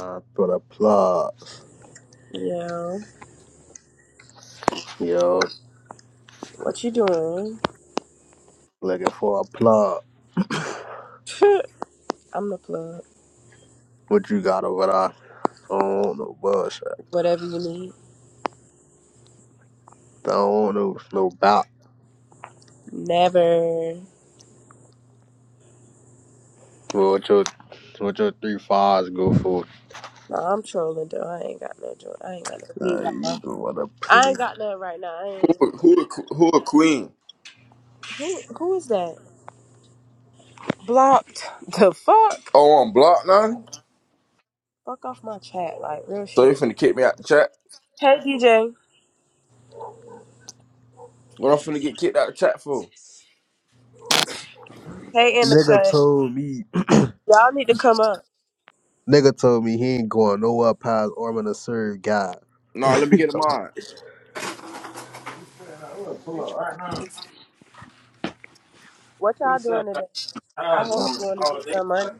Uh, for the plugs. Yo, Yo, what you doing? looking for a plug. I'm the plug. What you got over there? I don't want no bullshit. Whatever you need. I don't want no, no bout. Never. What your, what your three fives go for? No, I'm trolling though. I ain't got no joy. I ain't got no weed Uh, right you now. going to I play. ain't got none right now. I Who, ain't. who, a- who a queen? Who, who is that? Blocked. The fuck? Oh, I'm blocked now? Fuck off my chat. Like, real So you shit. finna kick me out the chat? Hey, DJ. What I'm finna get kicked out the chat for? Hey, in the Nigga cut. told me, Y'all need to come up. nigga told me he ain't going nowhere past Orman to serve God. Nah, let me get a mod. I What y'all doing today? I hope you want to get some money.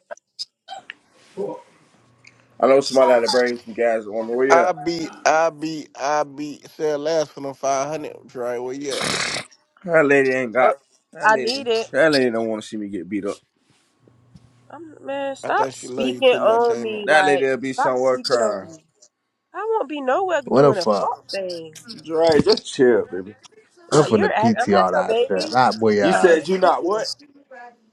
know somebody had to bring some guys on the way I up. be, I be, I be. Said last for them five hundred. Dre, where you at? That lady ain't Oh, got. That I lady. need it. That lady don't want to see me get beat up. I'm, man, I stop think she love you speaking too much, on ain't it? me. That Like, lady'll be stop somewhere speaking on crying. me. I won't be nowhere what the doing a fuck? fuck thing. Dre, just chill, baby. I'm Like from the you're, act- I'm not PTR your that shit. baby. That boy You I'm ass. said not shit you to not you. what?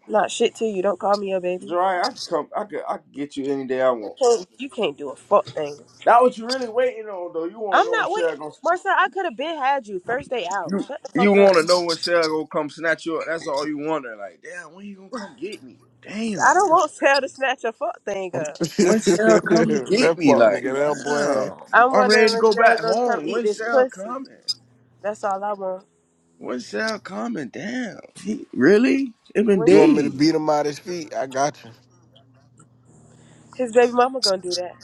I'm not shit to you. Don't call me your baby. Dre, I can come. I could. I could get you any day I You want. can't, you can't do a fuck thing. That what you really waiting on, though. You want to I'm know not if wait, Sarah gonna Marcel. I could have been had you first day out. You Shut the you fuck up. want to know when Sarah gonna come snatch you up? That's all you wonder. Like, damn, when you gonna come get me? I Damn, don't want Sal to snatch a fuck thing up. when Sarah come to that get me? fuck nigga, Like, that boy. damn, I'm I'm ready to wondering if go Sal back gonna come home. eat When this Sarah pussy. coming? That's all I want. When Sarah coming? Damn, he, really? It been When You you, want me to beat days. him out his feet? I got you. his baby mama gonna do that?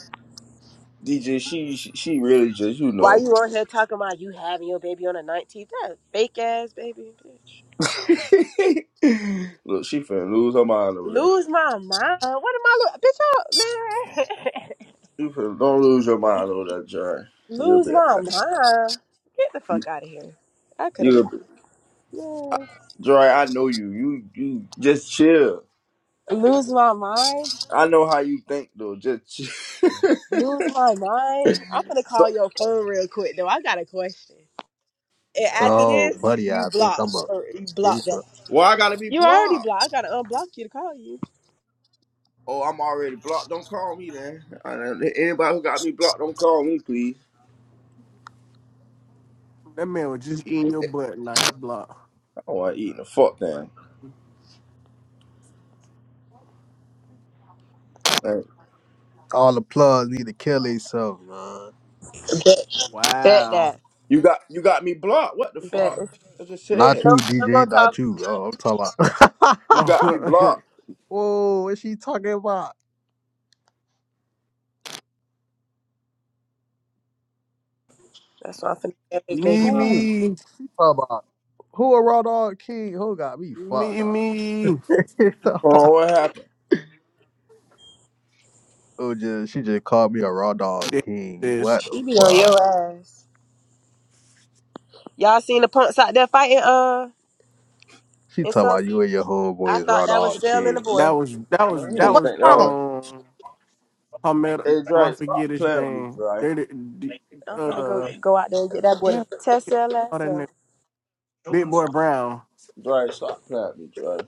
DJ, she she she really just you Why know. you on here talking about you having your baby on the 19th? That fake ass baby bitch. Look, she finna lose her mind over there. Lose my mind. What am I? Lo- Bitch, y'all, man. You finna, don't lose your mind over there, Joy. You'll Lose be, my mind. Get the fuck out of here. I could have you'll got be, man. Joy. I know you. You you just chill. Lose my mind. I know how you think though. Just Lose my mind. I'm gonna so call your phone real quick though. I got a question. And after Oh, this, buddy, you I think block I'm a or you block piece that. of- well, I gotta be You already blocked. blocked. I gotta unblock you to call you. Oh, I'm already blocked. Don't call me then. I don't- Anybody who got me blocked, don't call me, please. That man was just eating your Oh, butt now he blocked. I don't want eating the fuck thing. Like, All the plugs need to kill themselves, man. Bet, bet Wow. that. you got you got me blocked. What the Bet. If fuck? you I just Not said you, no, no more DJ. Not talking. you. I ain't- Oh, I'm talking you got about. me blocked. Whoa, is she talking about? That's why I'm finna get this baby me, mama. Who? me, She talking about? Who a raw dog king? Who got me fucked me, up? me. Oh, what happened? oh, just she just called me a raw dog This, king. this, What the She be on fuck? your ass. Y'all seen the punks out there fighting? Uh. She It's talking so. about you and your I homeboys thought raw that was dog Cell and the king. that boy. was, that Man, was, I And that didn't What was. think that. wrong? Was... Um, Palmetto. Hey, I Dre, stop forget his playing with me, name. Dre. They, they- I'm finna go uh, go out there and get that boy damn, to test Cell all ass that name. up. Big boy Brown, Dre, stop playing with me, Dre.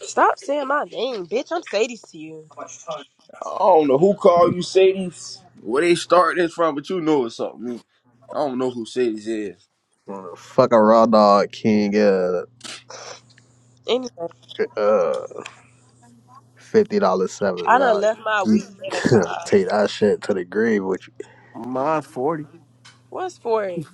Stop saying my name, bitch. I'm Sadie to you. I don't know who called you Sadie's. Where they start this from, but you know it's something. I don't know who Sadie's is. Uh, Fuck a raw dog king. Uh, Anyway, uh fifty dollars seven. I done man. left my you- weed in the car. take that shit to the grave with you. mine's 40. What's for it?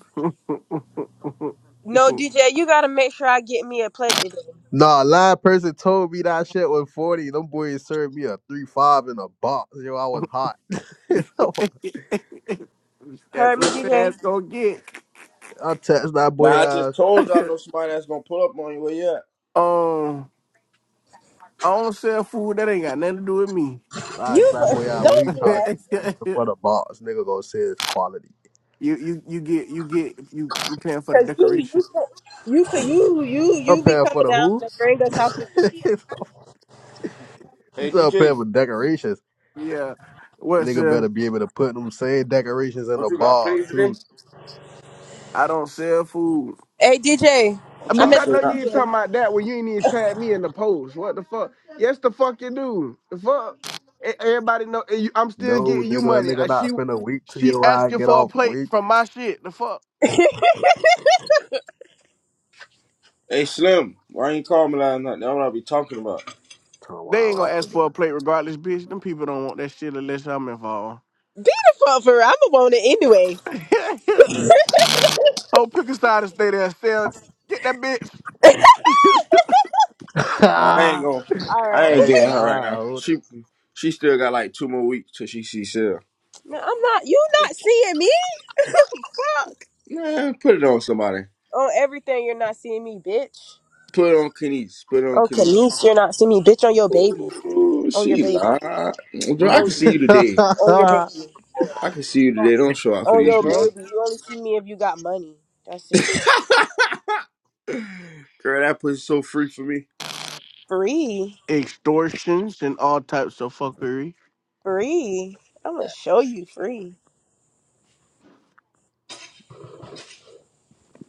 No, DJ, you gotta make sure I get me a plate today. Nah, live person told me that shit was 40. Them boys served me a 3-5 in a box. Yo, I was hot. That's Heard me, what your DJ? ass gonna get. I text that Man, boy I just out. told y'all I know somebody that's gonna pull up on you. Where you at? um, I don't sell food that ain't got nothing to do with me. I asked You that boy out when he don't do charged that, me extra for the box. Nigga gonna say it's quality. you you you get you get you you paying for the cause you you decoration. you you you I'm you be paying for coming the down who? and bring us out for food. you Hey said I'm paying DJ, for decorations. Yeah. What's Nigga uh better be able to put them same decorations in what the you got? bar Plays too. today? I don't sell food. Hey, DJ. I'm Uh, I trying Bitch, mean, to I say know not that. you ain't talking DJ. about that when you ain't even tag me in the post. What the fuck? Yes, the fuck you do. The fuck? E- Everybody know and you- I'm still No, getting you nigga, money. nigga I, not she spend a week till she your I asking get for a off plate week. from my shit. The fuck? Hey Slim, why you ain't call me last night? That's what I be talking about. Come They ain't gonna on, ask I'm for a plate regardless, bitch. Them people don't want that shit unless I'm involved. Be the fuck for real. I'ma want it anyway. oh, pick a side and stay there and sell. Get that bitch. finna. No, I ain't going All right. I I ain't ain't getting her right now. She she still got like two more weeks till she see Sil. Man, I'm not. You not seeing me? Fuck. Man, put it on somebody. On everything, you're not seeing me, bitch. Put it on Kenise. Put it on On Kenise. Kanice, you're not seeing me, bitch. On your baby. Ooh, On your she baby. lied. Girl, I Mm. can On see you today. on lying. your baby. I can see you today. Fuck Don't show out for On these you, your bro. people. baby. You only see me if you got money. That's it. Girl, that pussy's so free for me. Free. Extortions and all types of fuckery. Free. I'm gonna show you free.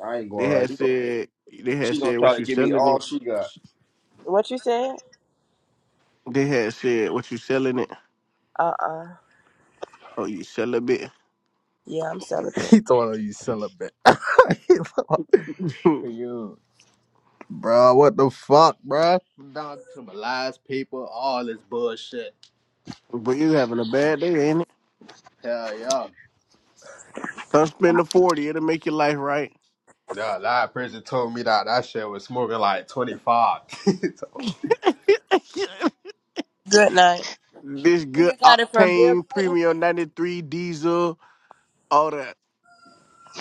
I ain't They had going right. said they had She gonna said try what to you give me selling all it. she got. What you said? They had said what you selling it Uh uh Oh, you sell a bit. Yeah, I'm celibate. He thought you celibate. He thought you, bro. What the fuck, bro? Down to my lies, people. All this bullshit. but you having a bad day, ain't it? Hell yeah. Come spend the 40, it'll make your life right. Nah, that person told me that that shit was smoking like twenty five. Good night. this Where good You got it from Bill octane Clinton. premium 93 diesel, all that.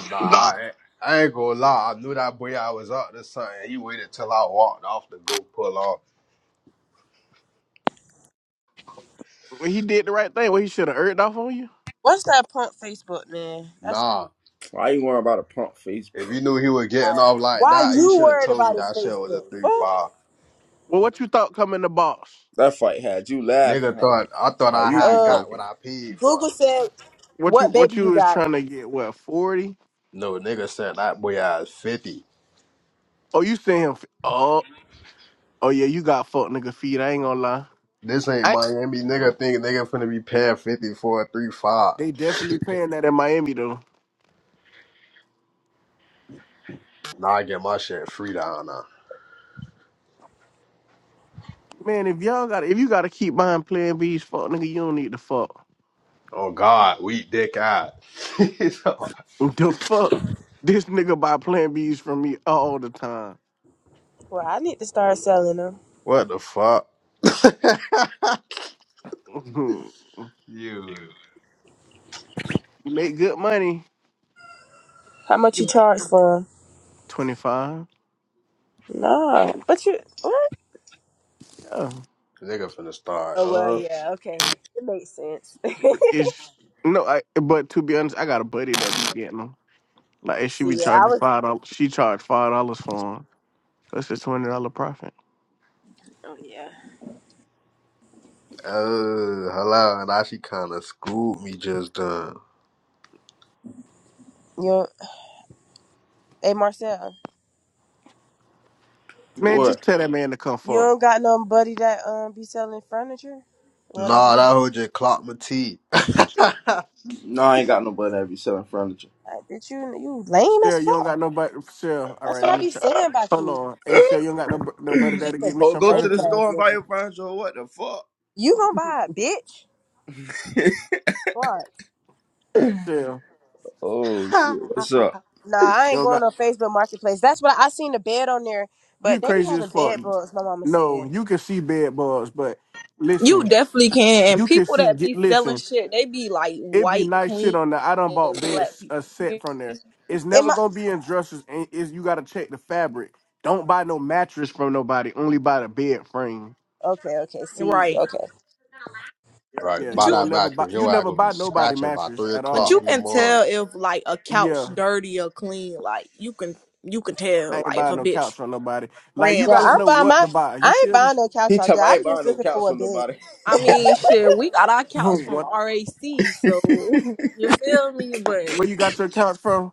nah, Nah. I, ain't- I ain't gonna lie. I knew that boy I was up to something. He waited till I walked off to go pull off. Well, He did the right thing. Well, he should have earned off on you. What's that punk Facebook, man? That's Nah, Why you worry about a pump face? if he knew he was getting off like why that, he you should have worried told me about his that shit was a Facebook. three What? five. Well, what you thought coming the boss? That fight had you laughing. Nigga How thought you, I thought how I you be had Uh. got what thinking? I paid for. Google said, What you "What baby what you you was got?" trying to get? What forty? No, nigga said that boy has 50. Oh, you saying him? f- Oh, oh yeah, you got fucked nigga feet. I ain't gonna lie. This ain't I, Miami. Nigga think nigga finna be paying 50 for a 3 5. they definitely paying that in Miami though. Now I get my shit free down now. Man, if y'all got if you got to keep buying Plan B's, fuck nigga, you don't need to fuck. Oh, God. Weak dick out. The fuck? This nigga buy Plan Bs from me all the time. Well, I need to start selling them. what the fuck? you you. make good money. How much you You charge for them? twenty five. Nah, but you what? Yeah. Nigga finna start, Oh well, huh? yeah, okay, it makes sense. It's no. I but to be honest, I got a buddy that be getting them. Like and she See, be yeah, I charging was. five dollars. She charged five dollars for them. That's a twenty dollar profit. Oh yeah. Oh, hello. and Now she kinda screwed me just done. You, don't- hey Marcel, Man, What? just tell that man to come you fuck. don't got nobody that um be selling furniture? Well, that be Nah, fine. that hoe just clocked my teeth. No, I ain't got nobody that be selling furniture. Like, bitch, you you lame Sarah, as you don't got fuck. nobody. Sarah, all That's right, what let I me be check. saying about Hold you. on. Hey, oh, Sarah, you don't got no nobody You that'll just a get me some go to the lame furniture. ass store and buy your nigga. furniture. What the fuck? You gonna buy it, bitch? What? Sarah, oh shit, what's up? Nah, I you ain't don't going got. on Facebook Marketplace. That's what I, I seen the bed on there, You but they be crazy as having fuck. bed bugs. My mama No, said. you can see bed bugs, but You listen, definitely can. And you can people see. that Get, be selling listen, shit, they be like it be white, nice shit clean on there. I done bought as black beds a people, set from there. It's In never my gonna be in dressers, and is you gotta check the fabric. Don't buy no mattress from nobody. Only buy the bed frame. okay, okay, see, right? okay, Yeah, right, But you by you don't that can, never buy. mattress, You your ass never gonna be buy nobody scratching by mattress 3 at but o'clock you all. in the can morning. tell if like a couch Yeah, dirty or clean. Like you can, you can tell I ain't like if buying a no couch bitch from nobody. Like you ran yeah, gotta I'm through. know buying what my. to buy. I You ain't feel me? buying no couch He off tell there. me I ain't I'm just buying no looking couch for a from bed. nobody. I mean, shit, we got our couch from what? RAC, so you feel me? But Where you got your couch from?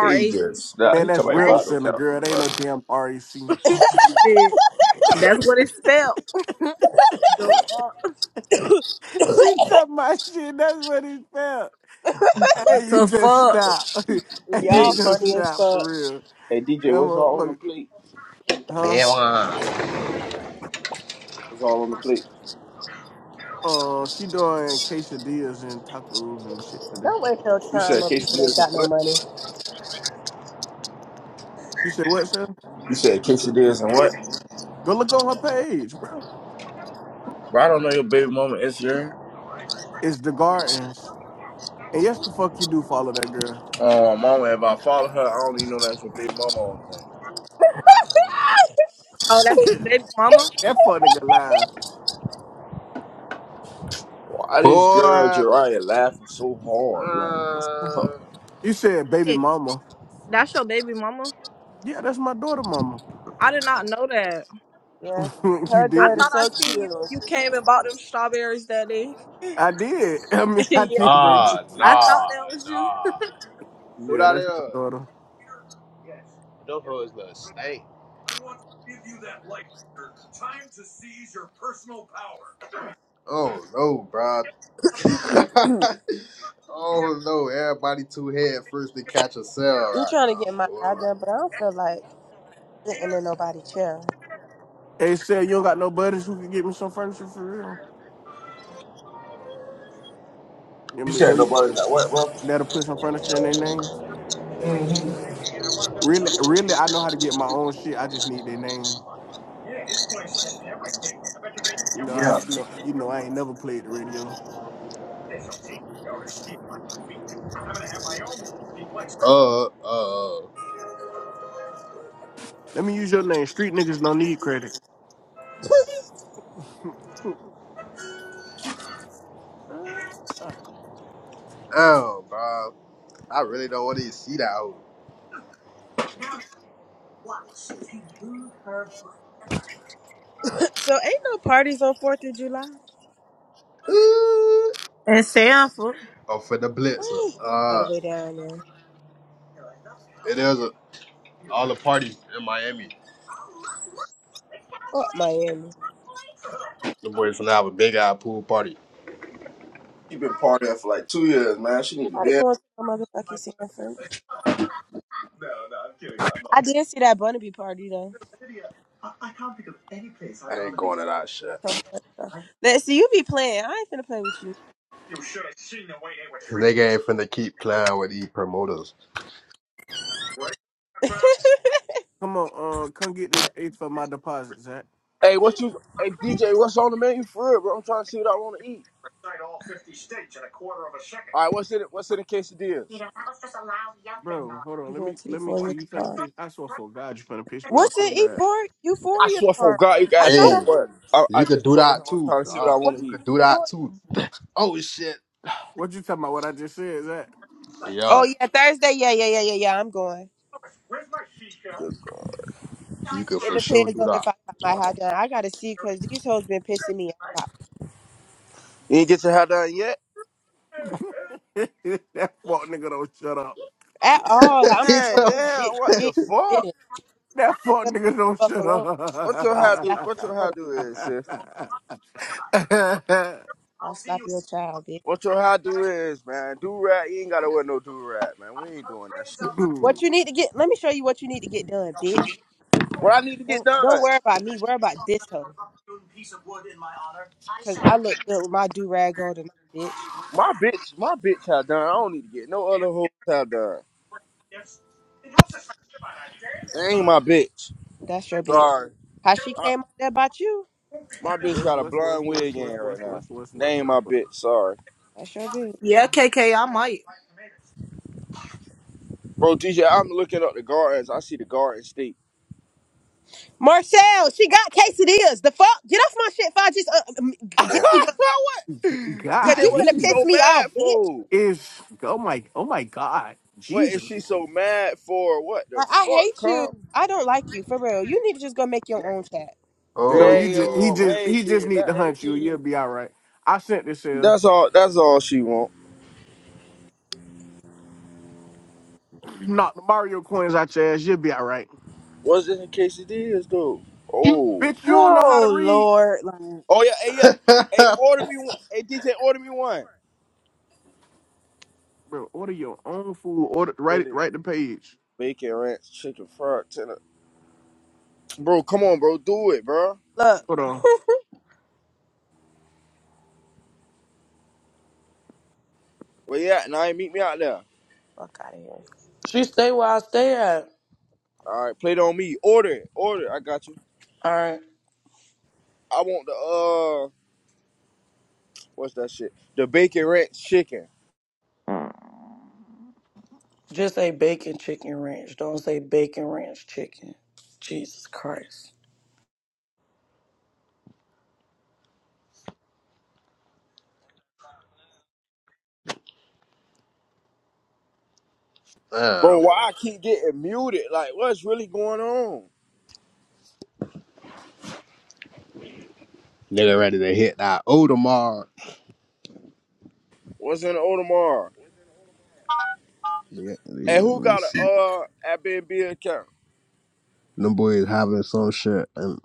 he just nah. Man, He tell that's me I ain't rap, buying no What's Renaissance, couch from girl. They ain't no nobody. damn REC. shit, that's what it's spelled. The fuck, she took my shit. That's what it felt. Hey, you the just fuck. stop. hey, you Hey, y'all just funny as stop for fuck? real. hey, DJ, That what's all on the motherfucker, plate? huh? Yeah, What's all on the plate? Uh, she doing quesadillas and tacos and shit today. Don't waste your You time said on people that ain't quesadillas and got no what? money. You said what, sir? You said quesadillas and what? Go look on her page, bro. Bro, I don't know your baby mama Instagram. It's the gardens. And yes, the fuck you do follow that girl. Oh, mama, if I follow her, I don't even know that's what Big Mama on thing. Oh, that's your that baby mama. fuck nigga live. Why this Boy, girl Jariah laughing so uh, hard? Like, what's up? You said baby mama. That's your baby mama? Yeah, that's my daughter mama. I did not know that. Yeah, you her I dirt is did. thought I so seen you cute. when you came and bought them strawberries that day. I did. I mean, I did yeah, break it nah, to you. I thought nah, that was you. nah. Who Yeah, that that's my is? daughter. Them hoes little stank. Oh no, bro. I'm oh no, everybody two head first to catch a cell right trying to now, get my hair boy. done, but I don't feel like sitting in nobody chair. Hey, said you don't got no buddies who could get me some furniture for real. You You mean, said you- nobody like what, bro? That'll put some furniture in their name. Mm-hmm. Really, really, I know how to get my own shit. I just need their name. You know, I Yeah. you know, you know, I ain't never played the radio. Uh, uh, Let me use your name. Street niggas don't need credit. Uh, damn, bro. I really don't want to even see that hoe. So ain't no parties on Fourth of July. Ooh. And Sanford. Oh, for the I blitzer. ain't going all the Uh, way down there. it is a, all the parties in Miami. Fuck Miami. The boys finna have a big ass pool party. She been partying for like two years, man. She need to Nobody be in. going to no motherfucking San Fran. I did see that Bunnaby party though. I ain't going to that shit. Come on, though. Let's see, you be playing. I ain't finna play with you. they ain't finna keep playing with these promoters. come on, uh, come get this eight for my deposit, Zach. Hey, what you? Hey, DJ, what's on the menu for real, bro? I'm trying to see what I want to eat. All right, what's in it? What's in the quesadillas? Bro, hold on. you Let going me, to let me. Cause Euphoria you finna tomorrow? piss. I swear for God, you finna piss me off What's so in bad. Euphoria? I Euphoria swear for tomorrow? God, you I guys, thought old Hey, I what? I, I you could just do told him that I'm too. trying to see what I Uh, what's want to you eat. could do that too. Euphoria? Oh shit. What you talking about? What I just said, Zach? Oh Yeah, yeah, Thursday. Yeah, yeah, yeah, yeah, yeah. I'm going. Good girl. you could It for sure depends do on that. if I got my high done. I gotta see because these hoes been pissing me off You ain't get your hair done yet? that fuck nigga don't shut up. at all. Like, I'm He's on Man, up. this damn, bitch what the shit. fuck? Minute, That fuck nigga don't fuck shut alone. What your I hair do? slap up. What your you. hair do is, sis? I'll slap your child, bitch. What your how do is, man. Do rag, you ain't gotta wear no do rag, man. We ain't doing that shit. What you need to get? Let me show you what you need to get done, bitch. What I need to get Don't don't done? worry about me. Worry about this hoe. Cause I look good with my do rag on tonight, bitch. My bitch, my bitch have done. I don't need to get no other hoes have done. They ain't my bitch. That's your bitch. Sorry. How she I, came up there about you? my That's your bitch What's got a what's what's blind what's wig in what's right what's what's now. what's They what's ain't my bitch. Sorry, that's your bitch. Yeah, KK, I might. bro. DJ, I'm looking up the gardens. I see the garden state. Marcel, she got quesadillas. The fuck? Get off my shit. If I just uh, um, get you gone, what? what's cause DJ, you what finna she golly piss so me off, mad bitch. for? is oh my oh my god What is Jesus she so mad for? What the Like I fuck, hate you. come? I don't like you for real. You need to just go make your own chat. no oh, you just he Damn, I oh. just he ain't just did need to nothing hunt to you you'll you. be all right I sent this here That's all. That's all she want. knock the Mario coins out your ass you'll be all right What's in the quesadillas though? Oh, bitch you don't know how to Oh read Lord, like oh yeah, hey yeah, hey order me one. Hey DJ, order me one. bro order your own food order write it Billy, write the page bacon ranch, chicken fried tender. Bro, come on, bro, do it, bro. look, hold on Where you at? Now you meet me out there. fuck out of here. She stay where I stay at. All right, play it on me. Order it, order. it. I got you. All right. I want the uh, what's that shit? The bacon ranch chicken, Just say bacon chicken ranch. Don't say bacon ranch chicken. Jesus Christ. bro. Damn. Why I keep getting muted? Like, what's really going on? Nigga ready to hit that Odomar. What's in the Audemars? Yeah, And yeah, let who me got a see. uh Airbnb account? Them boys having some shit and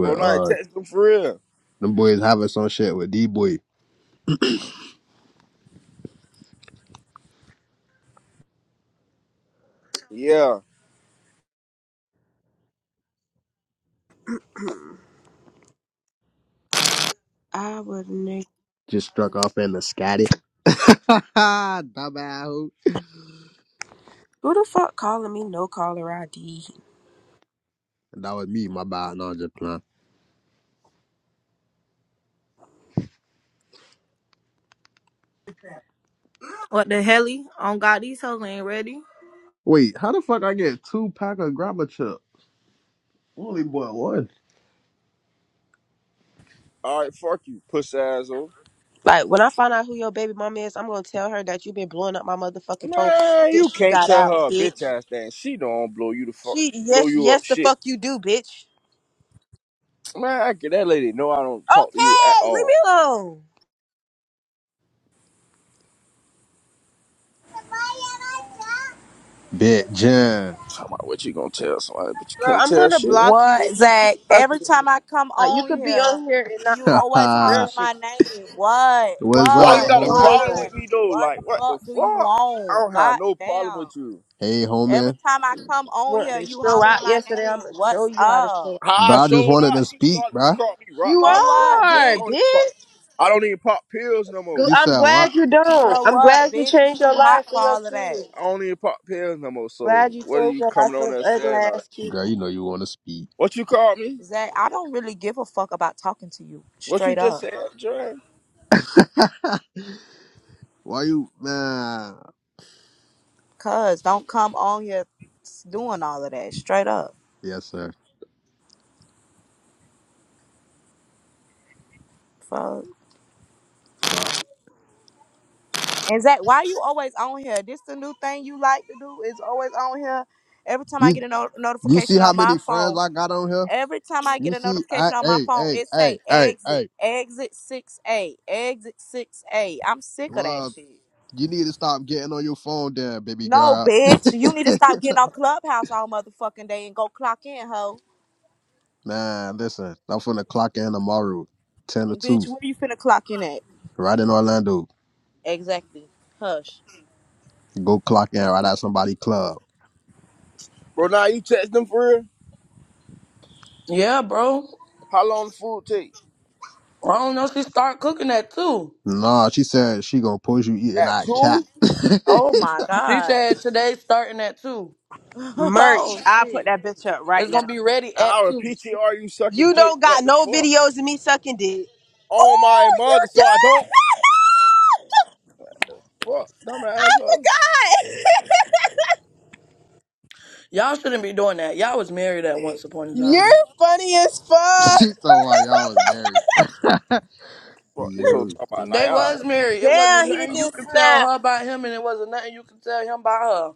Bro, nah, uh text them for real. them boys having some shit with D boy. Yeah. I would. Just struck off in the scatty. Dumbass. hoe. Who the fuck calling me no caller ID? That was me, my bad. No, I'm just playing. What the hell? On God, these hoes ain't ready. Wait, how the fuck I get two pack of grabber chip? Only bought one. All right, fuck you, puss asshole. Like when I find out who your baby mama is, I'm gonna tell her that you've been blowing up my motherfucking phone Man, you since you can't got tell out, her a bitch bitch. ass thing. She don't blow you the fuck, She blow yes, you up yes the shit. fuck you do, bitch. Man, I get that lady. No, I don't talk to you at Okay, leave all. me alone. Bit John. Talking about what you gonna tell somebody, but you Bro, can't I'm tell gonna shit. block you What, if you keep Zach? fucking Every with me. time I come Like you on could be here, on here and not you talk What's to always me. Real hollering shit. my name. What? There's Why so up, you What? many got a homie? hoes on problem here. with What? me though? What the Like what the fuck do you fuck? I want? don't have God no problem damn. with you. Hey, Every homie. time I come You on want here, to you show hollering out my yesterday, I'm name. gonna show What's you how to show up? out. How Bro, I I just showed wanted up, to you speak, started to bro. call me rock You For dot. What the what, fuck? are, I bitch? don't even pop. bitch. I don't even pop pills no Gl- more. You I'm said what? glad you don't. For I'm what, glad you bitch? It's changed your too hot life for for your all of kids. that. I don't even pop pills no more. Glad So you what are changed you your life coming for on this there ugly saying all that? ass kid. Girl, you know you want to speak. What you called me? Zach, I don't really give a fuck about talking to you. What you Straight just up. said, Dre? Why you, man? Cuz don't come on here doing all of that. Straight up. Yes, sir. Fuck. Exactly. Why you always on here? This the new thing you like to do is always on here. Every time I You, get a no- you see notification how on my many friends phone, I got on here? every time I You get a see, I, notification on my hey, phone, hey, it say hey, hey, exit, hey. exit six A, exit six A. I'm sick of that Well, shit. you need to stop getting on your phone, there, baby No, girl. bitch, you need to stop getting on Clubhouse all motherfucking day and go clock in, hoe. man, listen, I'm finna clock in tomorrow, ten to Bitch, two. where you finna clock in at? right in Orlando. Exactly. Hush. Go clock in right at somebody club. Bro, now you text them for real? Yeah, bro. How long the food take? I don't know. She start cooking at two. Nah, she said she gonna push you eating At that cat. two? Oh my She god. said today's starting at two. Merch. oh I'll put shit. that bitch up right It's gonna now. be ready at Hour two. PTR you sucking You dick. don't What got the no fuck? videos of me sucking dick. Oh my Oh, you mother, so I don't do? fuck dumb asshole. I forgot. Y'all shouldn't be doing that. Y'all was married at once upon a You're time. funny as she fuck. told why y'all was married. Fuck this whole you talk about They Naya. was married. It Damn, wasn't he nothing you just could tell snapped. her about him, and it wasn't nothing you could tell him about her.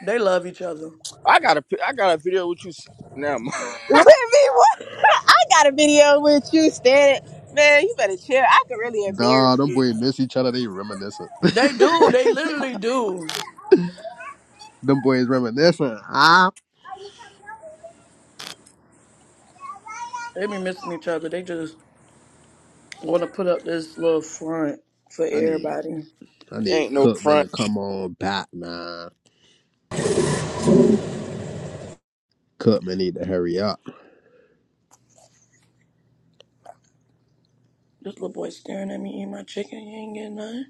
They love each other. I got a pi- I got a video with you s- now. With me, what? I got a video with you standing. Man, you better chill. I could really embarrass dog. them you. boys miss each other. They reminiscent. They do. They literally do. Them boys reminiscent. Huh? They be missing each other. They just I want to put up this little front for I need, everybody. I Ain't need no Cookman front to come on back, man. Cookman need to hurry up. This little boy staring at me eating my chicken. You ain't getting nothing.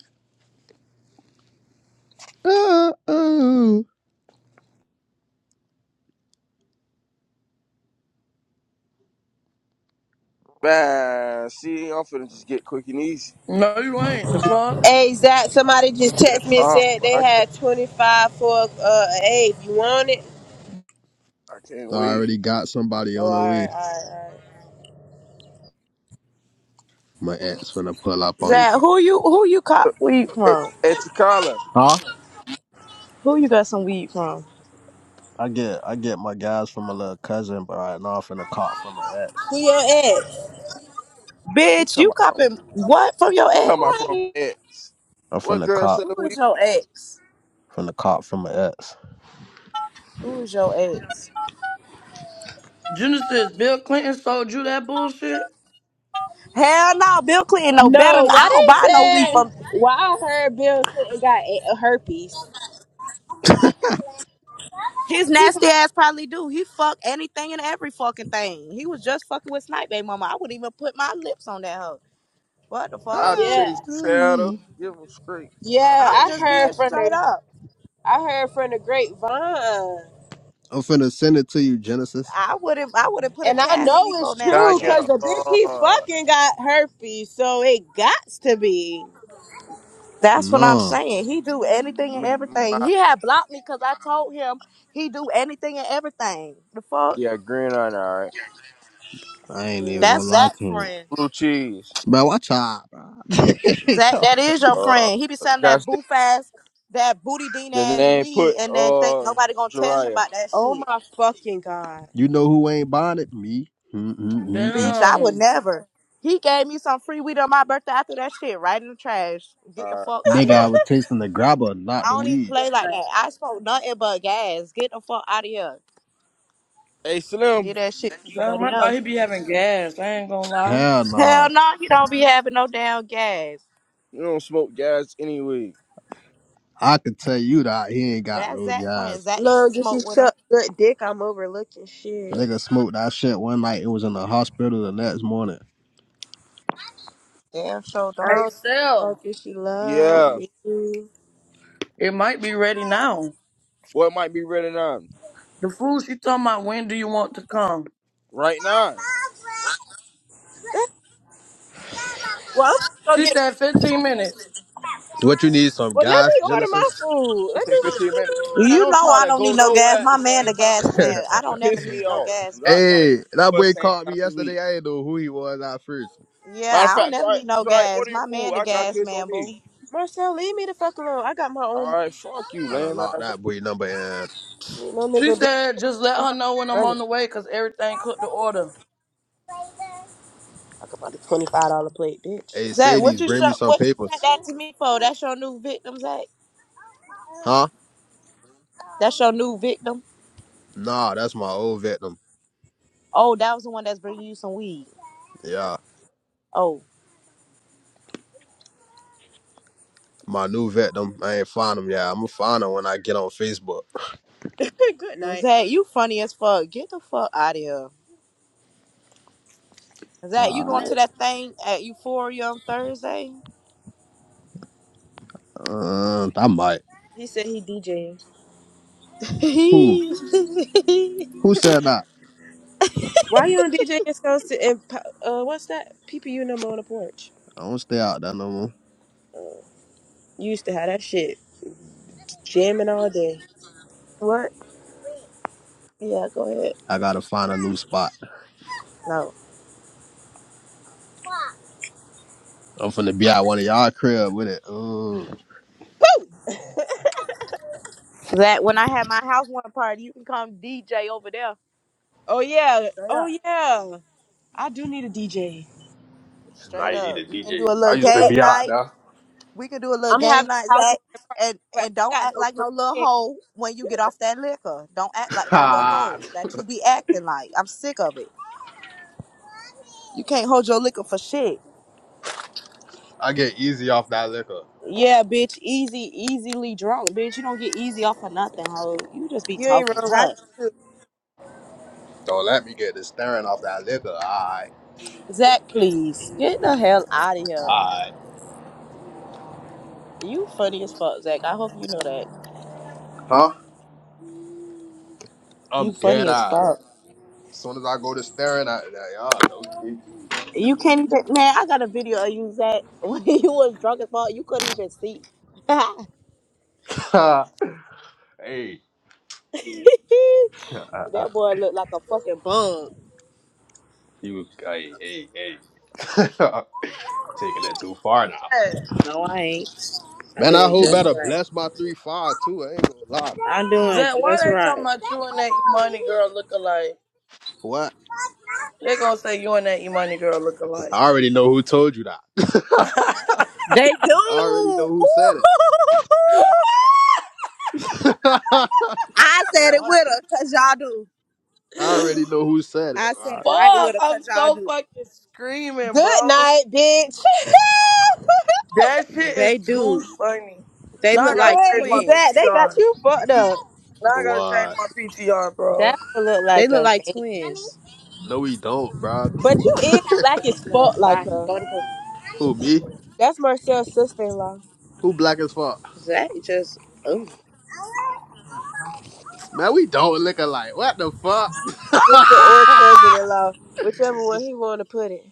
Uh oh, man. See, I'm finna just get quick and easy. No, you ain't. The fuck? Hey, Zach, somebody just That's texted me and all, said bro. they I can't had 25 for uh, an A. You want it? I can't I wait. already got somebody Oh, all on the right, all right, way. all right. My ex finna pull up on me. Zach, who you who you cop Look, weed Hey, from? hey Chikala. Huh? Who you got some weed from? I get I get my guys from my little cousin, but right now I'm finna cop from my ex. Who your ex? He Bitch, talking you about from copping what from your he No, ex? talking about I from ain't- X. I'm What finna girl cop said Who we? is your ex? from the cop from my ex. Who is your ex? Genesis, Bill Clinton sold you that bullshit? Hell no, Bill Clinton no better. no, than- I why don't they buy no weed said from why I heard Bill Clinton got a herpes? his He nasty got- ass. Probably do. He fuck anything and every fucking thing. He was just fucking with Snipe Baby Mama. I wouldn't even put my lips on that hoe. What the I fuck? Ah, chase Yeah, shadow. mm. Give him straight, bro. yeah, I'm I just being heard from straight the up. I heard from the grapevine, I'm finna send it to you, Genesis. I wouldn't. I wouldn't put it and I past know Nico it's Can I true nasty get because ass. the a bitch he uh? fucking got herpes, so it gots to be. That's what I'm No, saying. He do anything Let and me get everything. my He had blocked me because I told him he do anything and everything. The fuck. yeah green on. All right, I ain't even gonna That's lie Zach to you, friend. blue cheese. bro. Watch out, bro. Zach, No. that is your Uh, friend. He be selling that that's the boof ass, that booty dean the ass name. Put weed, and then think uh, nobody gonna tell him Jariah. about that Oh shit. my fucking god! you know who ain't buying it? Me. Mm-mm-mm-mm. Bitch, I would Damn. never. He gave me some free weed on my birthday. I threw that shit right in the trash. Get the All right. fuck out of Nigga, I here. was tasting the grabber, I not the don't even weed. play like that. I smoke nothing but gas. Get the fuck out of here. Hey Slim, Did that shit to Damn, somebody I thought else. he'd be having gas. I ain't gonna lie. Hell Hell nah. no, he don't be having no damn gas. you don't smoke gas anyway. I could tell you that he ain't got That's no Zach friend. guys. Zach used to Look, if she smoke with him. shut good dick, I'm overlooking shit. Nigga smoked that shit one night. It was in the hospital the next morning. Damn sure I don't. Hey, don't fuck Sel, if she love Yeah. me. Well, it might be ready now. What might be ready now? The fool she talking about, when do you want to come? Right now. I'm gonna go She get said 15 minutes. What you need? Some Well, let guys, me order my Genesis. food. You Let say me wake fifteen minutes. you up. Man, You don't know try I to don't go need no gas. nowhere at the My man same the time gas as me. man. I don't Don't never piss me need no off. Do gas, Not boo. try to Hey, that go at the boy same called me time as me. yesterday. I didn't know who he was at first. Yeah, Matter of I don't fact, never try need no try gas. order your My food. man the I got you. gas It's on man, me. boo. Marcel, leave me the fuck alone. I got my own All money. right, fuck you, I done lame locked ass. that boy number and No She nigga bitch said, just let me her know when my I'm money. on the way because everything cooked to order. Talk about the twenty five dollar plate, bitch. hey Zach, what Sadie's you bring me sho- some what you sent papers. that to me for? That's your new victim, Zach. Huh? That's your new victim. Nah, that's my old victim. Oh, that was the one that's bringing you some weed. Yeah. Oh, My new victim. I ain't find him. Yeah, I'm gonna find him when I get on Facebook. Good well, night. Zach, you funny as fuck. Get the fuck out of here. Zach, you going Alright. to that thing at Euphoria on Thursday? Uh, I might. He said he DJing. Who? Who said that? Why you on DJing Scouse to and uh what's that? PPU number on the porch. I don't stay out there no more. You used to have that shit. Jamming all day. what? Yeah, go ahead. I gotta find a new spot. No. I'm finna be at one of y'all crib with it. Mm. Zach, when I have my house one party, you can come DJ over there. Oh yeah. Straight Oh up. yeah. I do need a DJ. Now Straight you need up. a We can do DJ. a I little used Yep. to game be out night. We can do a little I'm game having night, a house Zach. party, And but I ain't and don't got act no like no little friends. hoe when you get off that liquor. Don't act like no little there. hoe that you be acting like. I'm sick of it. You can't hold your liquor for shit. I get easy off that liquor. Yeah, bitch, easy, easily drunk, bitch. You don't get easy off of nothing, hoe. You just be You ain't talking, wrong. I huh? do. Don't let me get the staring off that liquor. Alright. Zach, Okay, please get the hell out of here. alright. You funny as fuck, Zach. I hope you know that. Huh? You I'm funny dead as fuck. eyes. As soon as I go to staring at that, y'all, okay. You can't even, man. I got a video of you, Zach, when you was drunk as fuck. You couldn't even see. that Hey, Uh, uh, boy looked like a fucking bum. you, hey, hey, hey. Taking it too far now. Zed, No, I ain't. I'm Man, I doing hope just better right. bless my three five too. I ain't gonna lie. I'm doing Zed, why just they talking right. about you and that money girl look alike? What? They're gonna say you and that Imani girl look alike. I already know who told you that. They do. I already Ooh. know who said it. I Bro, said it what? with her, cause y'all do. I already know who said it, I said bro. it right Fuck, with her, I'm cause y'all so do. fucking screaming, Good bro. night, bitch. That shit is They too do. funny. They Now look I gotta like change my Wait, Zach, twins. they got PTR. you fucked up. Now I gotta change What? my PTR, bro. That would look They like look a like man. twins. No, we don't, bro. But you is black as No, fuck like bye. her. Go to Who me? bed. That's Marcel's sister in law. Who black as fuck? Zach just. Oh. Man, we don't look alike. What the fuck? Sister or cousin in law. Whichever one he wanna put it.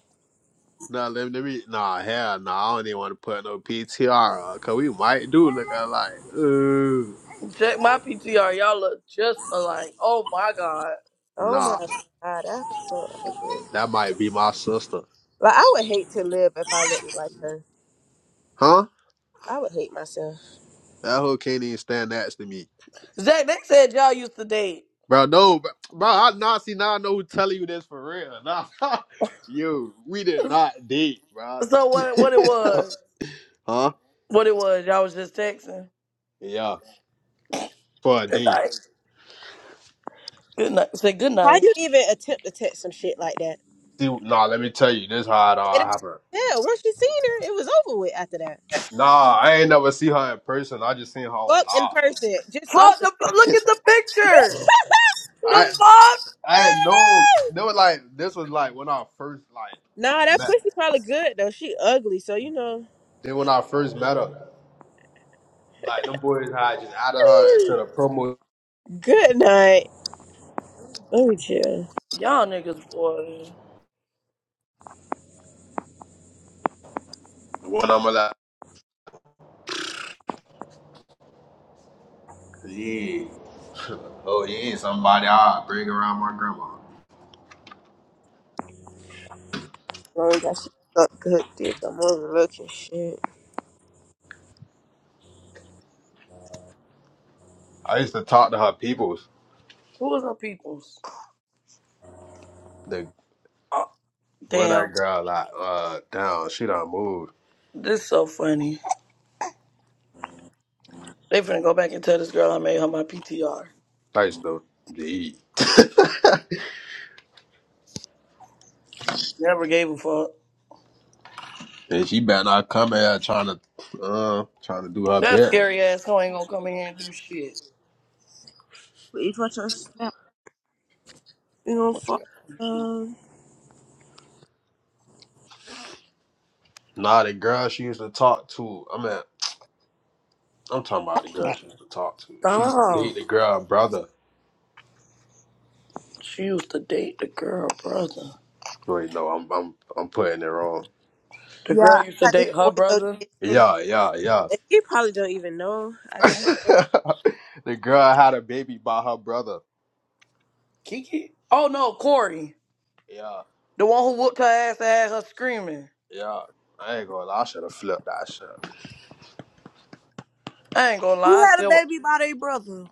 nah, let me, let me. Nah, hell, nah. I don't even want to put no PTR up, cause we might do look alike. Ooh, Check my PTR. Y'all look just alike. Oh my god. Oh my nah, god, that's so ugly. that might be my sister, Like I would hate to live if I looked like her. huh? I would hate myself. That hoe can't even stand next to me, Zach, they said y'all used to date. bro. No, bro. bro I nah, see now I know who telling you this for real. Nah, yo, we did not date, bro. So what? What it was? huh? What it was? Y'all was just texting. Yeah, for a Good date. night. Good night. Say good How night. you even attempt to text some shit like that? See, nah, let me tell you, this how it all It, happened, yeah, once you seen her, it was over with after that. Nah, I ain't never see her in person. I just seen her on Fuck in live. person, just off Fuck. the The, look at the picture. The I fuck. I had no. They were like this was like when I first like Nah, that met. pussy probably good though. She ugly, so you know. Then when I first met her, like them boys had just added her into the promo. Good night. Let me chill. Y'all niggas boy. When I'm like, yeah, oh yeah, somebody I bring around my grandma. Long got she suck good dick. I'm overlooking shit. I used to talk to her peoples. Who was her peoples? The Oh, where damn. that girl like uh down, she done moved. This so funny. They finna go back and tell this girl I made her my PTR. Thanks though. Yeah. Never gave a fuck. And she better not come here trying to uh trying to do her That bit. scary asshole ain't gonna come in here and do shit. Please watch your step. You know, What fuck. you Um, Nah, the girl she used to talk to. I mean, I'm talking about the girl got? she used to talk to. She used to Stop. date the girl brother. She used to date the girl brother. Wait, no, I'm I'm I'm putting it wrong. The yeah, I girl used to got this date her boy brother? location. Yeah, yeah, yeah. And he probably don't even know I got his. location. the girl had a baby by her brother. Kiki? Oh no, Corey. Yeah, The one who whooped her ass and had her screaming. yeah. I ain't gonna lie, I should have flipped that shit. I ain't gonna lie, Who I had a still baby by their brother?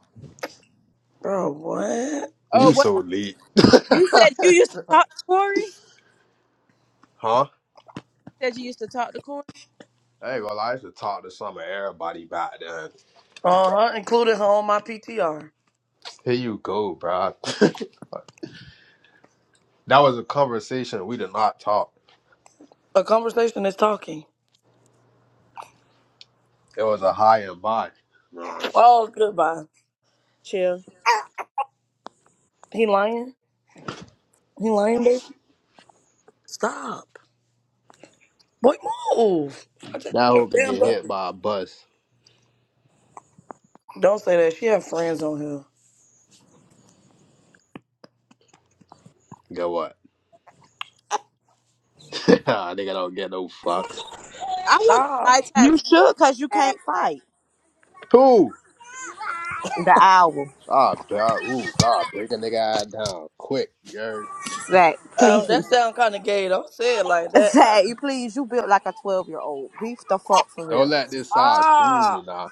Bro, what? Oh, You what? so late. You said you used to talk to Corey? huh? Said you used to talk to Corey? I ain't gonna lie, I used to talk to some of everybody back then. Uh huh, included her on my PTR. Here you go, bruh. that was a conversation. We did not talk. A conversation is talking. It was a high and by. Man. Oh, goodbye. Chill. He lying? He lying, baby? Stop. Boy, move. I just That did your hoe could damn get hit dirty. by a bus. Don't say that. She have friends on here. Go what? nigga don't get no fucks. I want a Stop. eye You tattoo so should, cause you bad. can't Like, fight. Who? The owl, Ah, bro. Ooh, ah, break a nigga eye down quick, you Zach. Um, Please, that sound kind of gay. Don't say it like that. Now. Zach. Please, you built like a twelve year old. Beef the fuck for Don't real. let this size fool you, Stop. nah.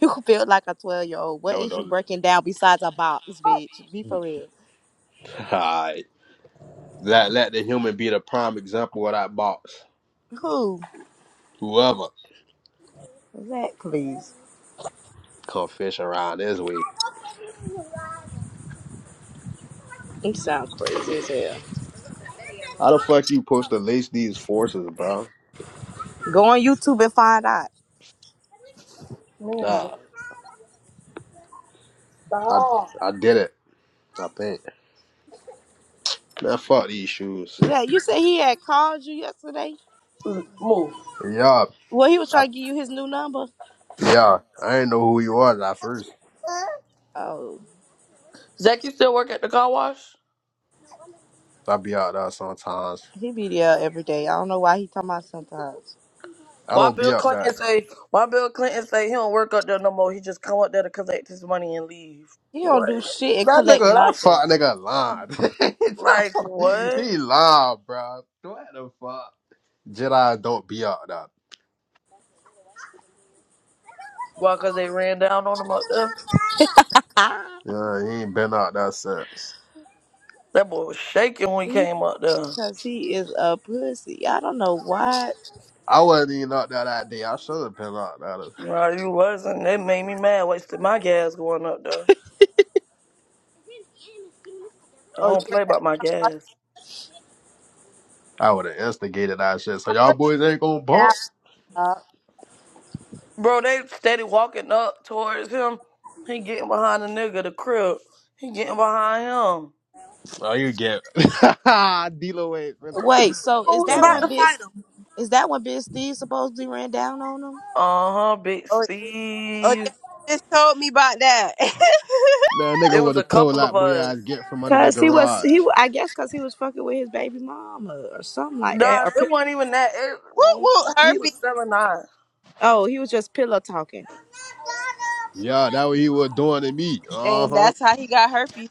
You built like a twelve year old. What Don't, is you don't. breaking down besides a box, bitch? Be for real. Alright. Let, let the human be the prime example of that box. Who? Whoever Zach, please. come fish around this way. You sound crazy as hell. How the fuck you supposed to lace these forces, bro? Go on YouTube and find out. Man, Nah, I, stop. I did it. I think. Man, fuck these shoes. Zach, you said he had called you yesterday. Mm, Move. Yeah, Well, he was I, trying to give you his new number. yeah. I didn't know who you was at first. Oh, Zach, you still work at the car wash? I be out there sometimes. he be there every day. I don't know why he talking about sometimes. I Why don't be Bill up that. Clinton say? Why Bill Clinton say he don't work up there no more? He just come up there to collect his money and leave. He don't What? do shit and That collect nigga, that nothing. fuck nigga lying. Like what? he lied, bro. What the fuck? Jedi don't be out there. Why? Cause they ran down on him up there. Ah. Yeah, he ain't been out there since. That boy was shaking when he He came up there. because he is a pussy. I don't know why. I wasn't even out there that day. I should have been out there. Well, you wasn't. They made me mad. Wasted my gas going up there. I oh, you don't were play about my talking gas. I would have instigated that shit. So y'all about boys ain't gonna bump. that. Uh, Bro, they steady walking up towards him. He getting behind the nigga, the crib. He getting behind him. Oh, you get it. D-Lo ain't finna. Wait, so Who is was that Man, about to when Big fight him? is that when Big Steve supposedly ran down on him? Uh huh, Big oh, oh yeah. Steve. he Just told me about that. man nigga It was would a have told couple of that boy us. I'd get from under the Cause he was garage. he wa- I guess cause he was fucking with his baby mama or something like that Nah, or it pi- wasn't even that. It, Whoop whoop he he, herpes, was 7 9. oh he was just pillow talking. Yeah, that what he was doing to me. Uh and huh. that's how he got herpes.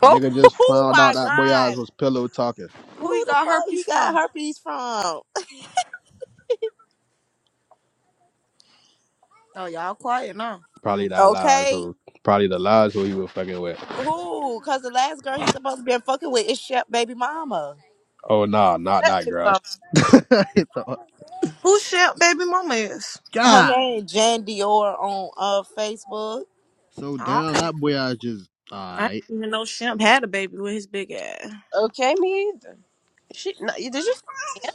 Oh, Nigga just oh found out my that boy god, eyes was pillow talking. who Who he the got fuck herpes he got from? herpes from? Oh, y'all quiet now. Hmm. Probably that lies Okay, who probably the lies who he was fucking with. who? Cause the last girl he supposed to been fucking with is Shep baby mama. Oh nah, not That that baby girl. mama. Who shit baby mama is? Her God. name Jan Dior on uh Facebook. So I don't. down that boy eyes just I alright. didn't even know Shemp had a baby with his big ass. Okay, me either. She no, you- did you say him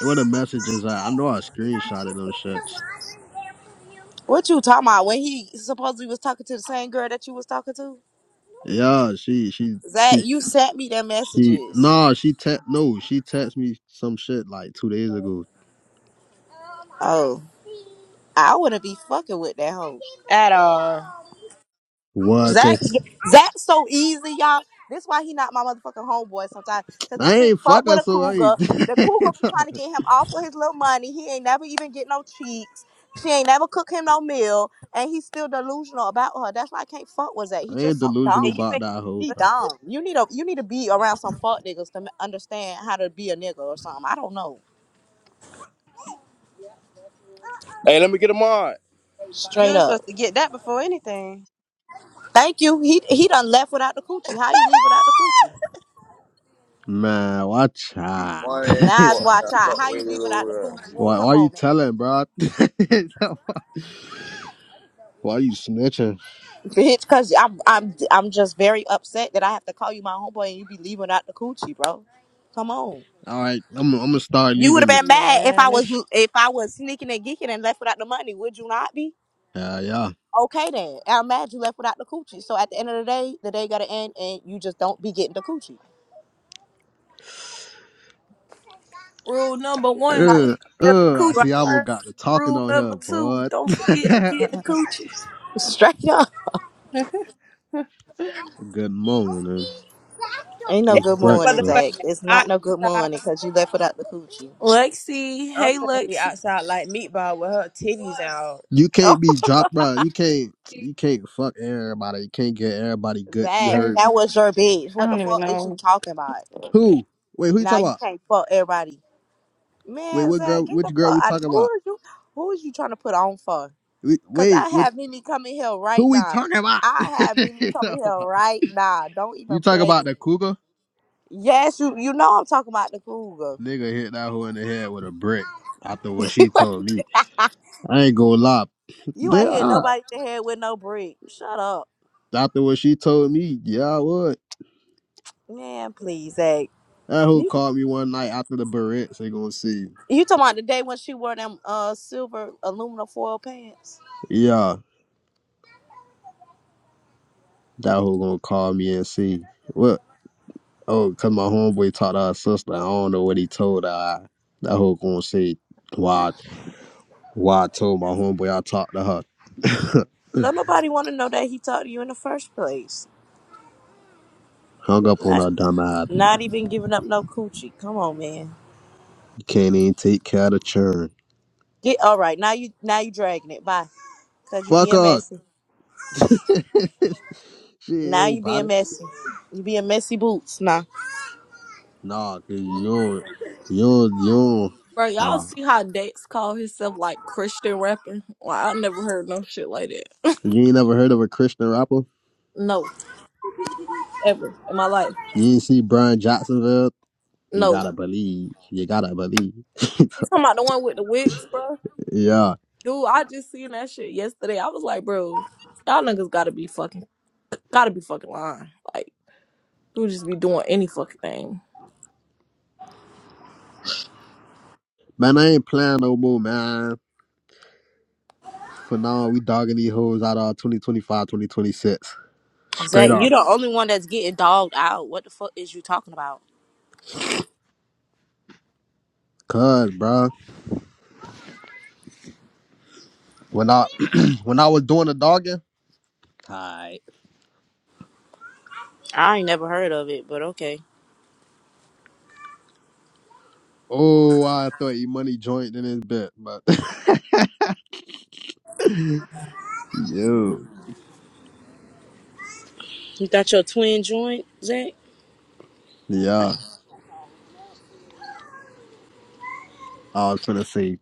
What the messages are. I know I screenshotted those shits. What you talking about? When he supposedly was talking to the same girl that you was talking to? Yeah, she she Zach, she you sent me their she messages. nah she te- no, she texted me some shit like two days ago. Oh, I wouldn't be fucking with that hoe. at all? What? Zach, Cause Zach's so easy, y'all. This why he not my motherfucking homeboy sometimes. Cause this I bitch ain't fuck fuck with her, a so I cougar. ain't, The cougar be I trying to get him off for his little money. He ain't never even get no cheeks. She ain't never cook him no meal. And he's still delusional about her. That's why I can't fuck with Zach. He ain't just so dumb. delusional And you about make that hoe, He bro. dumb. You need a you need to be around some fuck niggas to m- understand how to be a nigga or something. I don't know. Hey, let me get a mod. you Straight were up. supposed to get that before anything. Thank you. He he done left without the coochie. How you leave without the coochie? Man, watch He out. funny as Nas, fuck. Yeah, watch out. fuck How with you you, leave without the coochie? little, why, Come why you on, man. telling, bro? why you snitching? bitch. Cause I'm I'm I'm just very upset that I have to call you my homeboy and you be leaving out the coochie, bro. Come on. All right, I'm, I'm gonna start You would have leaving. been mad if I Man, this was shit. if I was sneaking and geeking and left without the money. Would you not be? Yeah, yeah. Okay then. I'm mad you left without the coochie. So at the end of the day, the day gotta end and you just don't be getting the coochie. Rule number one, How you let Uh, them the people uh, I coochie right- see I all got first. the talking Rule on here, number two, bud. don't forget to get the coochie. Straight up. Good morning. Ain't no It's It's good so morning, Zach. breakfast. motherfucking It's not hot no good outside. morning because you left without the coochie. Lexi, I'm hey gonna be Lexi. outside like meatball with her titties out. You Oh, can't be dropped, bro. You can't. You can't fuck everybody. You can't get everybody good. You I Zach, heard me. that was your bitch. What the don't even fuck is you know. talking about? who? Wait, who you Now talking you about? can't fuck everybody. Wait, Man, what Zach, girl? get the Which girl fuck we out of talking about? who is you who is you trying to put on for? We, Cause wait, I what? have Mimi coming here right Who we now. talking about? I have Mimi coming So, here right now. Don't even You talk play about with the me. cougar? Yes, you you know I'm talking about the cougar. Nigga hit that hoe in the head with a brick after what you she ain't told me. I ain't gonna lie. you They ain't hit are. nobody in the head with no brick. Shut up. After what she told me, yeah, I would. Man, please, Zach. That hoe You, called me one night after the barrettes. They gonna see. you talking about the day when she wore them uh silver aluminum foil pants? Yeah, that hoe gonna call me and see. What? Oh, cause my homeboy taught her sister. I don't know what he told her. That hoe gonna say why, why I told my homeboy I talked to her. Don't nobody wanna know that he talked to you in the first place. Hung up on Not her dumb ass. not even giving up no coochie. Come on, man. Can't even take care of the churn. Get all right. Now you now you dragging it. Bye. Cause you Fuck being her. messy. she ain't Now you being nobody. messy. You being messy boots now. Nah, cause you're you're you're Bro, y'all nah. see how Dex called himself like Christian rapping? Well, I never heard no shit like that. You ain't never heard of a Christian rapper? No, ever in my life. You ain't see Brian Jacksonville? You gotta No. believe. You gotta believe. You talking about the one with the wigs, bro? yeah. Dude, I just seen that shit yesterday. I was like, bro, y'all niggas gotta be fucking, gotta be fucking lying. Like, you just be doing any fucking thing. Man, I ain't playing no more, man. For now, we dogging these hoes out of 2025, 2026. Straight Zach, you up. the only one that's getting dogged out. What the fuck is you talking about? Cause, bruh, when I when I was doing the dogging, I ain't never heard of it, but okay. oh, I thought E Money joined in his bit, but yo, You got your twin joint, Zach? yeah, I was finna say,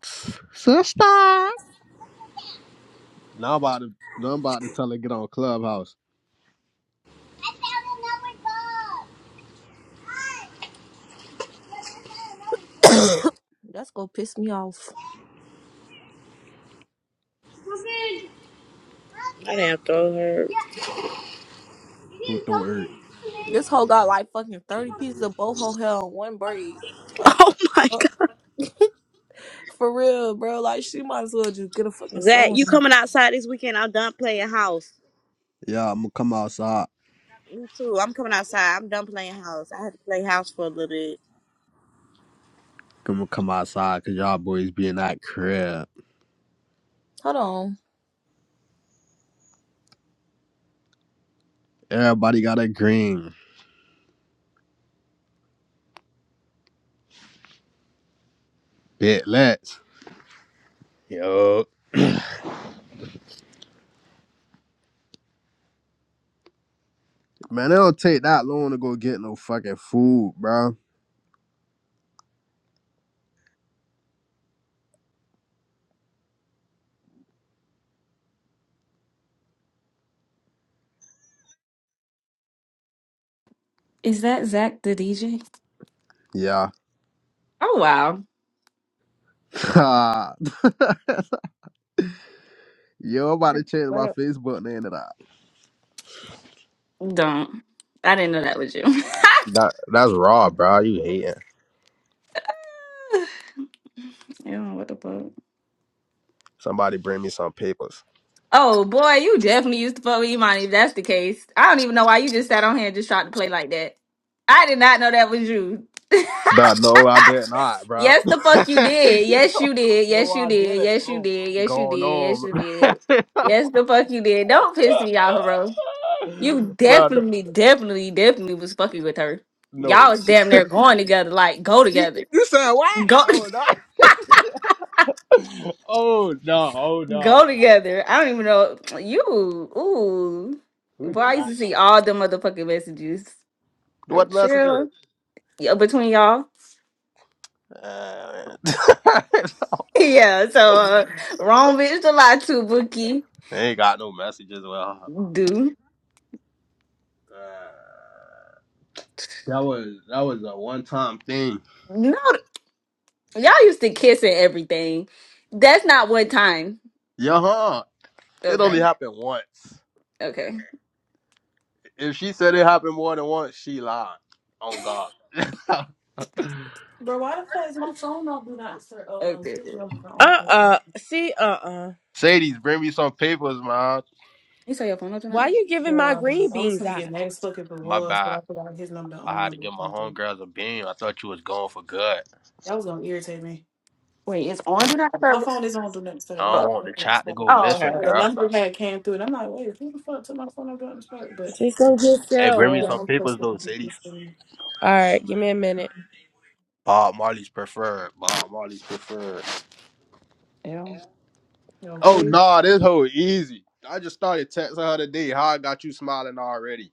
sister. Now I'm about to now I'm about to tell her get on Clubhouse. That's gonna piss me off. I didn't throw her. Who threw it? This hoe got like fucking thirty pieces of boho hair on one braid. Like Oh my fuck. god. for real, bro. Like she might as well just get a fucking Zach, you sewing. coming outside this weekend? I'm done playing house. Yeah, I'm gonna come outside. Me too. I'm coming outside. I'm done playing house. I had to play house for a little bit. I'm gonna come outside cause y'all boys be in that crib. Hold on. Everybody got a green. Bit let's. Yo. Man, it don't take that long to go get no fucking food, bro. Is that Zach the DJ? Yeah. Oh wow. Yo, I'm about to change my What? Facebook name to that. Don't. I didn't know that was you. That that's raw, bro. You hating. Yeah, what the fuck? Somebody bring me some papers. Oh boy, you definitely used to fuck with Imani if that's the case. I don't even know why you just sat on here and just tried to play like that. I did not know that was you. Bro, no, I did not, bro. Yes, no, the fuck you did. Yes, you did. Yes, you I did. didn't, Yes, you bro. did. Yes, you Going did. Yes, on, you did. Yes, the fuck you did. Don't piss me off, bro. You bro. definitely, definitely, definitely was fucking with her. No, Y'all was damn near going together, like go together, you said what? go, Oh no! Oh no! Oh no! no. go together. I don't even know you. Ooh, We boy, did I used not. to see all the motherfucking messages. What messages? Chill, yeah, between y'all. Uh, yeah, so uh, wrong bitch to lie to, Bookie. ain't got no. Uh, Do that was that was a one time thing. no, y'all used to kiss and everything. That's not one time. Yeah, huh? It only Okay, happened once. okay, If she said it happened more than once, she lied. On God. Uh okay. uh. See, uh uh. Sadie's, bring me some papers, man. You say your phone don't do Why nothing? you giving my green beans out? My bad. I had to give my homegirls a beam. I thought you was going for good. Wait, it's on do not I don't want the chat to go okay. missing, okay. girl. Just go get Hey, bring me some sour. papers though, Sadie. All right, give me a minute. Bob Marley's preferred. Bob Marley's preferred. Oh nah, this hoe easy. I just started texting her today. How I got you smiling already?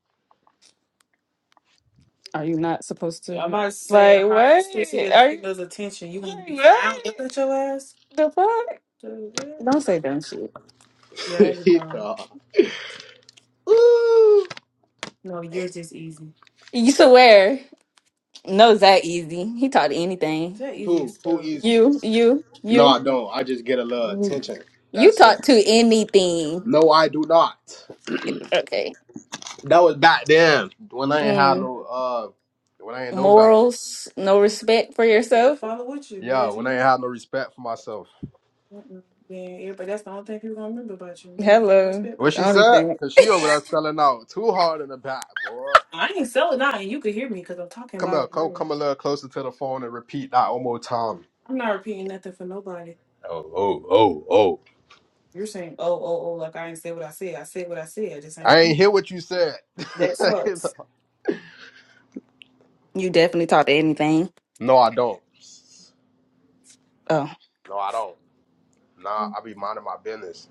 Are you not supposed to? The fuck? Don't say dumb shit. nah. Ooh. You swear? No, that easy. He taught anything. Who? Who easy? You, you, No, you, I don't. I just get a little attention. you That's it. taught to anything. No, I do not. Okay. That was back then when I ain't had no uh when I ain't no better. morals, no respect for yourself. Yeah, when I ain't had no respect for myself. They got Hello. What she Only said? thing. Cause she over there selling out too hard in the back, boy. Come here, come come a little closer to the phone and repeat that one more time. Oh, oh, oh, oh. I ain't hear what you said. You definitely talk to anything. no, I don't. Oh. No, I don't. Nah, I be minding my business.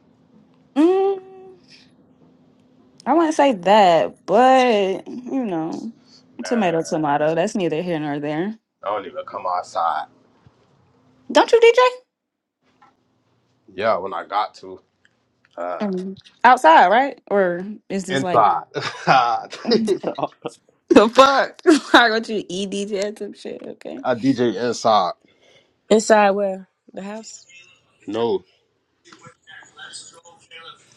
Mm, I wouldn't say that, but you know, tomato Man, tomato. That's neither here nor there. I don't even come outside. Don't you, DJ? Yeah, when I got to. Uh, Um, outside, right? Or is this like inside. I the fuck? Why don't you eat DJ or some shit? Okay. DJ inside. Inside where? The house? No,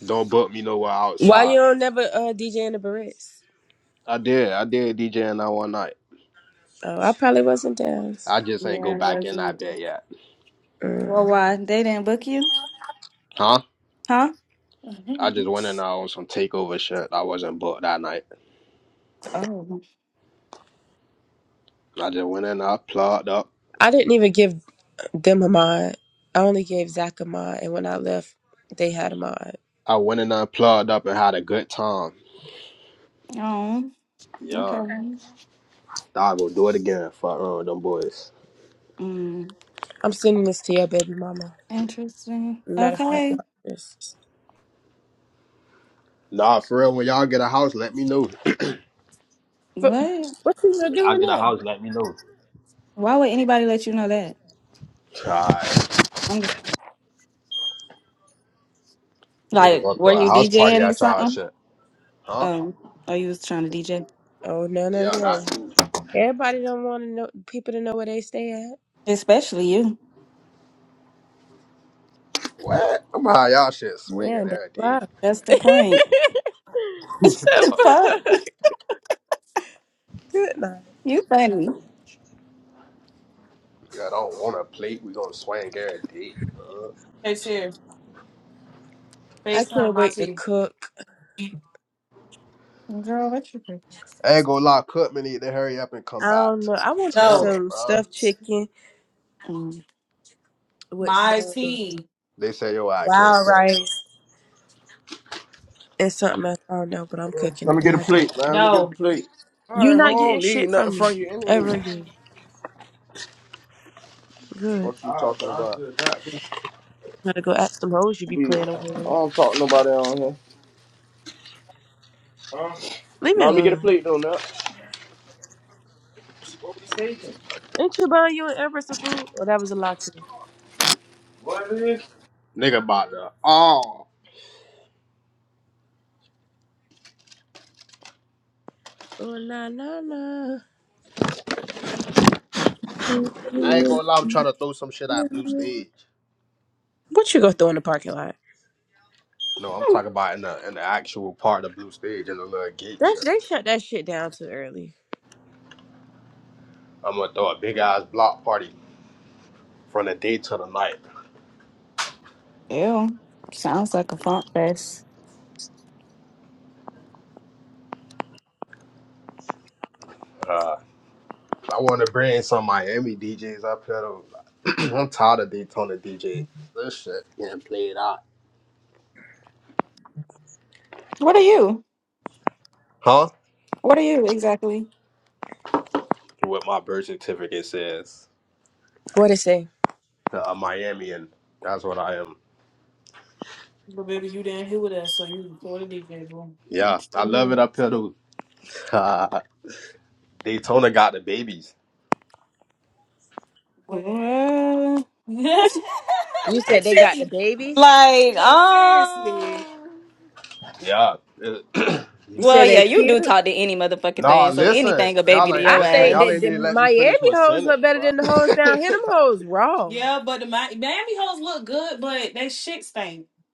don't book me nowhere Why you outside. don't never uh, DJ in the Barrettes? I did. I did DJ all night. Oh, I probably wasn't down. I just ain't go back in that bed yet. Well, Mm. why they didn't book you, Huh? huh? I just went in there on some takeover shit. I wasn't booked that night. Oh, I just went up. I didn't even give them a mod. I only gave Zach a mod, and when I left, they had a mod. I went in there, plugged up, and had a good time. oh. Yeah. Okay. Okay. Nah, we'll do it again for uh, them boys. Mm, I'm sending this to your baby mama. interesting. Matter of fact, Okay. watch this. Nah, for real, when y'all get a house, let me know. But What? what you are When y'all doing get a there? house, let me know. Why would anybody let you know that? Alright. I'm just Niggas like, gonna were throw a you house party DJing or at y'all something? shit. Huh? Oh, oh, you was trying to DJ, Oh no no Yeah, that no! too. Everybody don't want to know people to know where they stay at. especially you. What? I'm how y'all shit swinging Yeah, that's every day. why. That's the the point. the fuck? fuck? Good night. You funny. Yeah, I don't want a plate. we gonna swing every day. I can't wait to cook. I ain't gonna lie, Cookman need to hurry up and come I back don't know. to I want to do Daytona, some bro. stuffed chicken Mm, with some They say, yo, I can't wild come. rice and something else. I don't know, but I'm uh. cooking Let me today. get a I got plate, man. Let me get a plate. All you. are right, Not hold getting on. Need shit nothing from from me you anyway. ever again. Good. Fuck you talking about? Gotta go ask them hoes you be Be- playing over I with. don't talk to nobody on here. Huh? Leave me Now let me get a alone. plate though, now. What we taking? Ain't you buying you and Everett some food? Oh, that was a lot too. What is it? Nigga about to. Oh, Oh na na na. I ain't gonna lie, I'm trying to throw some shit at Blue Stage. What you go throw in the parking lot? No, I'm talking about in the in the actual part of the blue stage in the little gate That's shit. they shut that shit down too early. I'm gonna throw a big ass block party from the day to the night. ew. Sounds like a font fest. Uh, I want to bring some Miami DJs up here. To, I'm tired of Daytona DJ. This shit getting played out. What are you? Huh? What are you exactly? What my birth certificate says. What they say? Uh, a Miamian. That's what I am. Yeah, What? I love it you up here. Though. Daytona got the babies. mean? What? You said they got the babies. Like, um, Yeah, you You feel Well, said me? they're yeah, you cute. do talk to any motherfucking Nah, thing, so listen, anything a baby y'all to ain't I your listening. think Y'all that ain't ass. the even let me Miami finish my hoes look sentence, better bro. than the hoes down here. Them hoes wrong.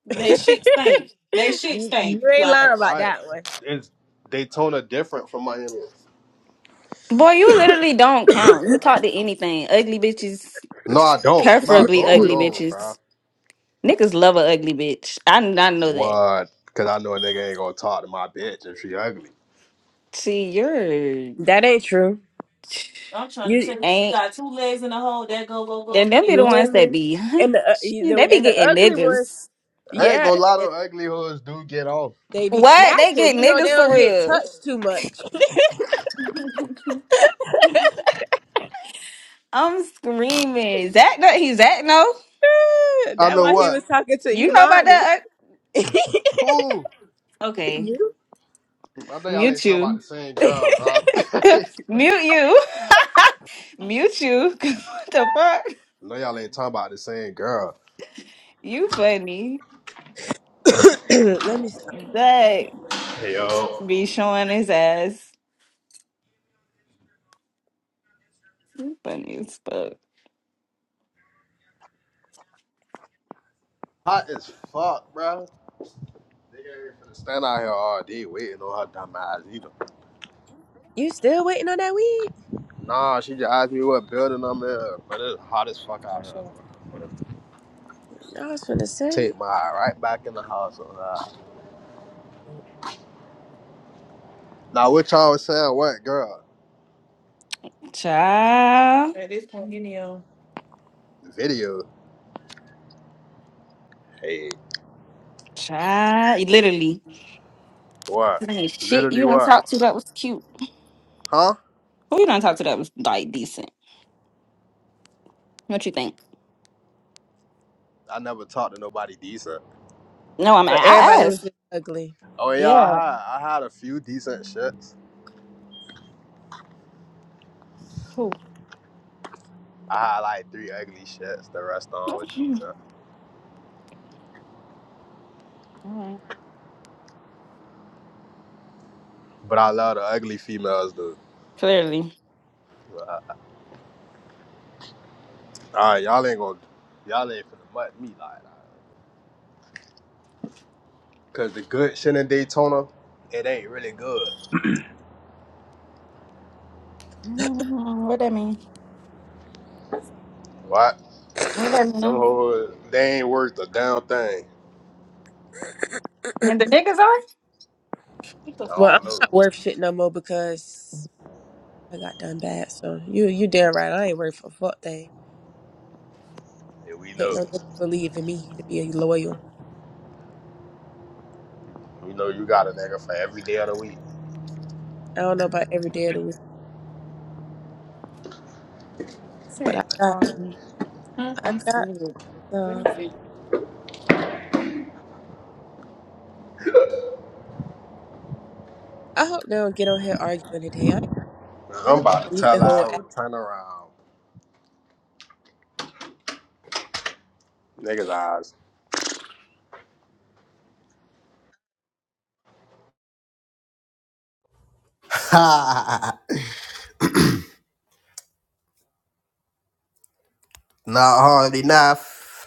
you you ain't lying about right? that one. It's Daytona different from Miami. Boy, you literally don't count. You talk to anything. Ugly bitches, No, I don't. Bro, go preferably on, ugly bitches. bro. Niggas love a ugly bitch. I, I know that. What? Cause I know a nigga ain't gonna talk to my bitch if she ugly. See, you're That ain't true. You ain't. Then them be the you ones hear that me? be, And the, uh, you- the they be and the getting ugly ones, niggas. I ain't yeah, gonna lie, to and ugly hoes do get off. they be What? snatching. They get You know they niggas for don't get real. touched too much. I'm screaming. Zach, no, he's Zach, no. I That's know why he what. was talking to You know about Imani. that? Who? uh, Okay, you. I know y'all ain't mute talking you. about the same Let girl, bro. I Mute you. Mute you. 'Cause what the fuck? know y'all ain't talking about the same girl. You funny. me. Stop. That Hey, Yo. be showing his ass. You funny as fuck. Hot as fuck, bro. Nigga ain't finna stand out here all day waiting on her dumb eyes either. You still waiting on that weed? Nah, she just asked me what building I'm in, but it's hot as fuck out here. I was gonna say. Take my eye right back in the house. on that. Now, what y'all was saying? What, girl? Child. Video. Hey, Child. Literally. what? This Ain't shit you Literally don't what? talk to that was cute. Huh? Who you don't talk to that was like decent? What you think? I never talked to nobody decent. No, I'm So I everybody was asked. just ugly. Oh yeah, I Yeah. had I had a few decent shits. Who? I had like three ugly shits. The rest on was decent. Alright. But I love the ugly females dude. Clearly. alright you All right, y'all ain't gonna y'all ain't finna mutt me like that. Cause the good shit in Daytona, it ain't really good. I don't know What that mean? What? What that Them mean? hoes, they ain't worth a damn thing. And the niggas are? What I the Well, fuck? I'm don't know. not worth shit no more because I got done bad. So you you damn right. I ain't worth a fuck thing. Yeah, we Can't no know. nigga believe in me to be loyal. We know you got a nigga for every day of the week. I don't know about every day of the week, but Sick. I got Um, I I'm got serious. some. I hope they don't get on here arguing today. I, I'm I'm gonna just about to delete the tell our whole hoe to turn around. Niggas eyes. Not hard enough.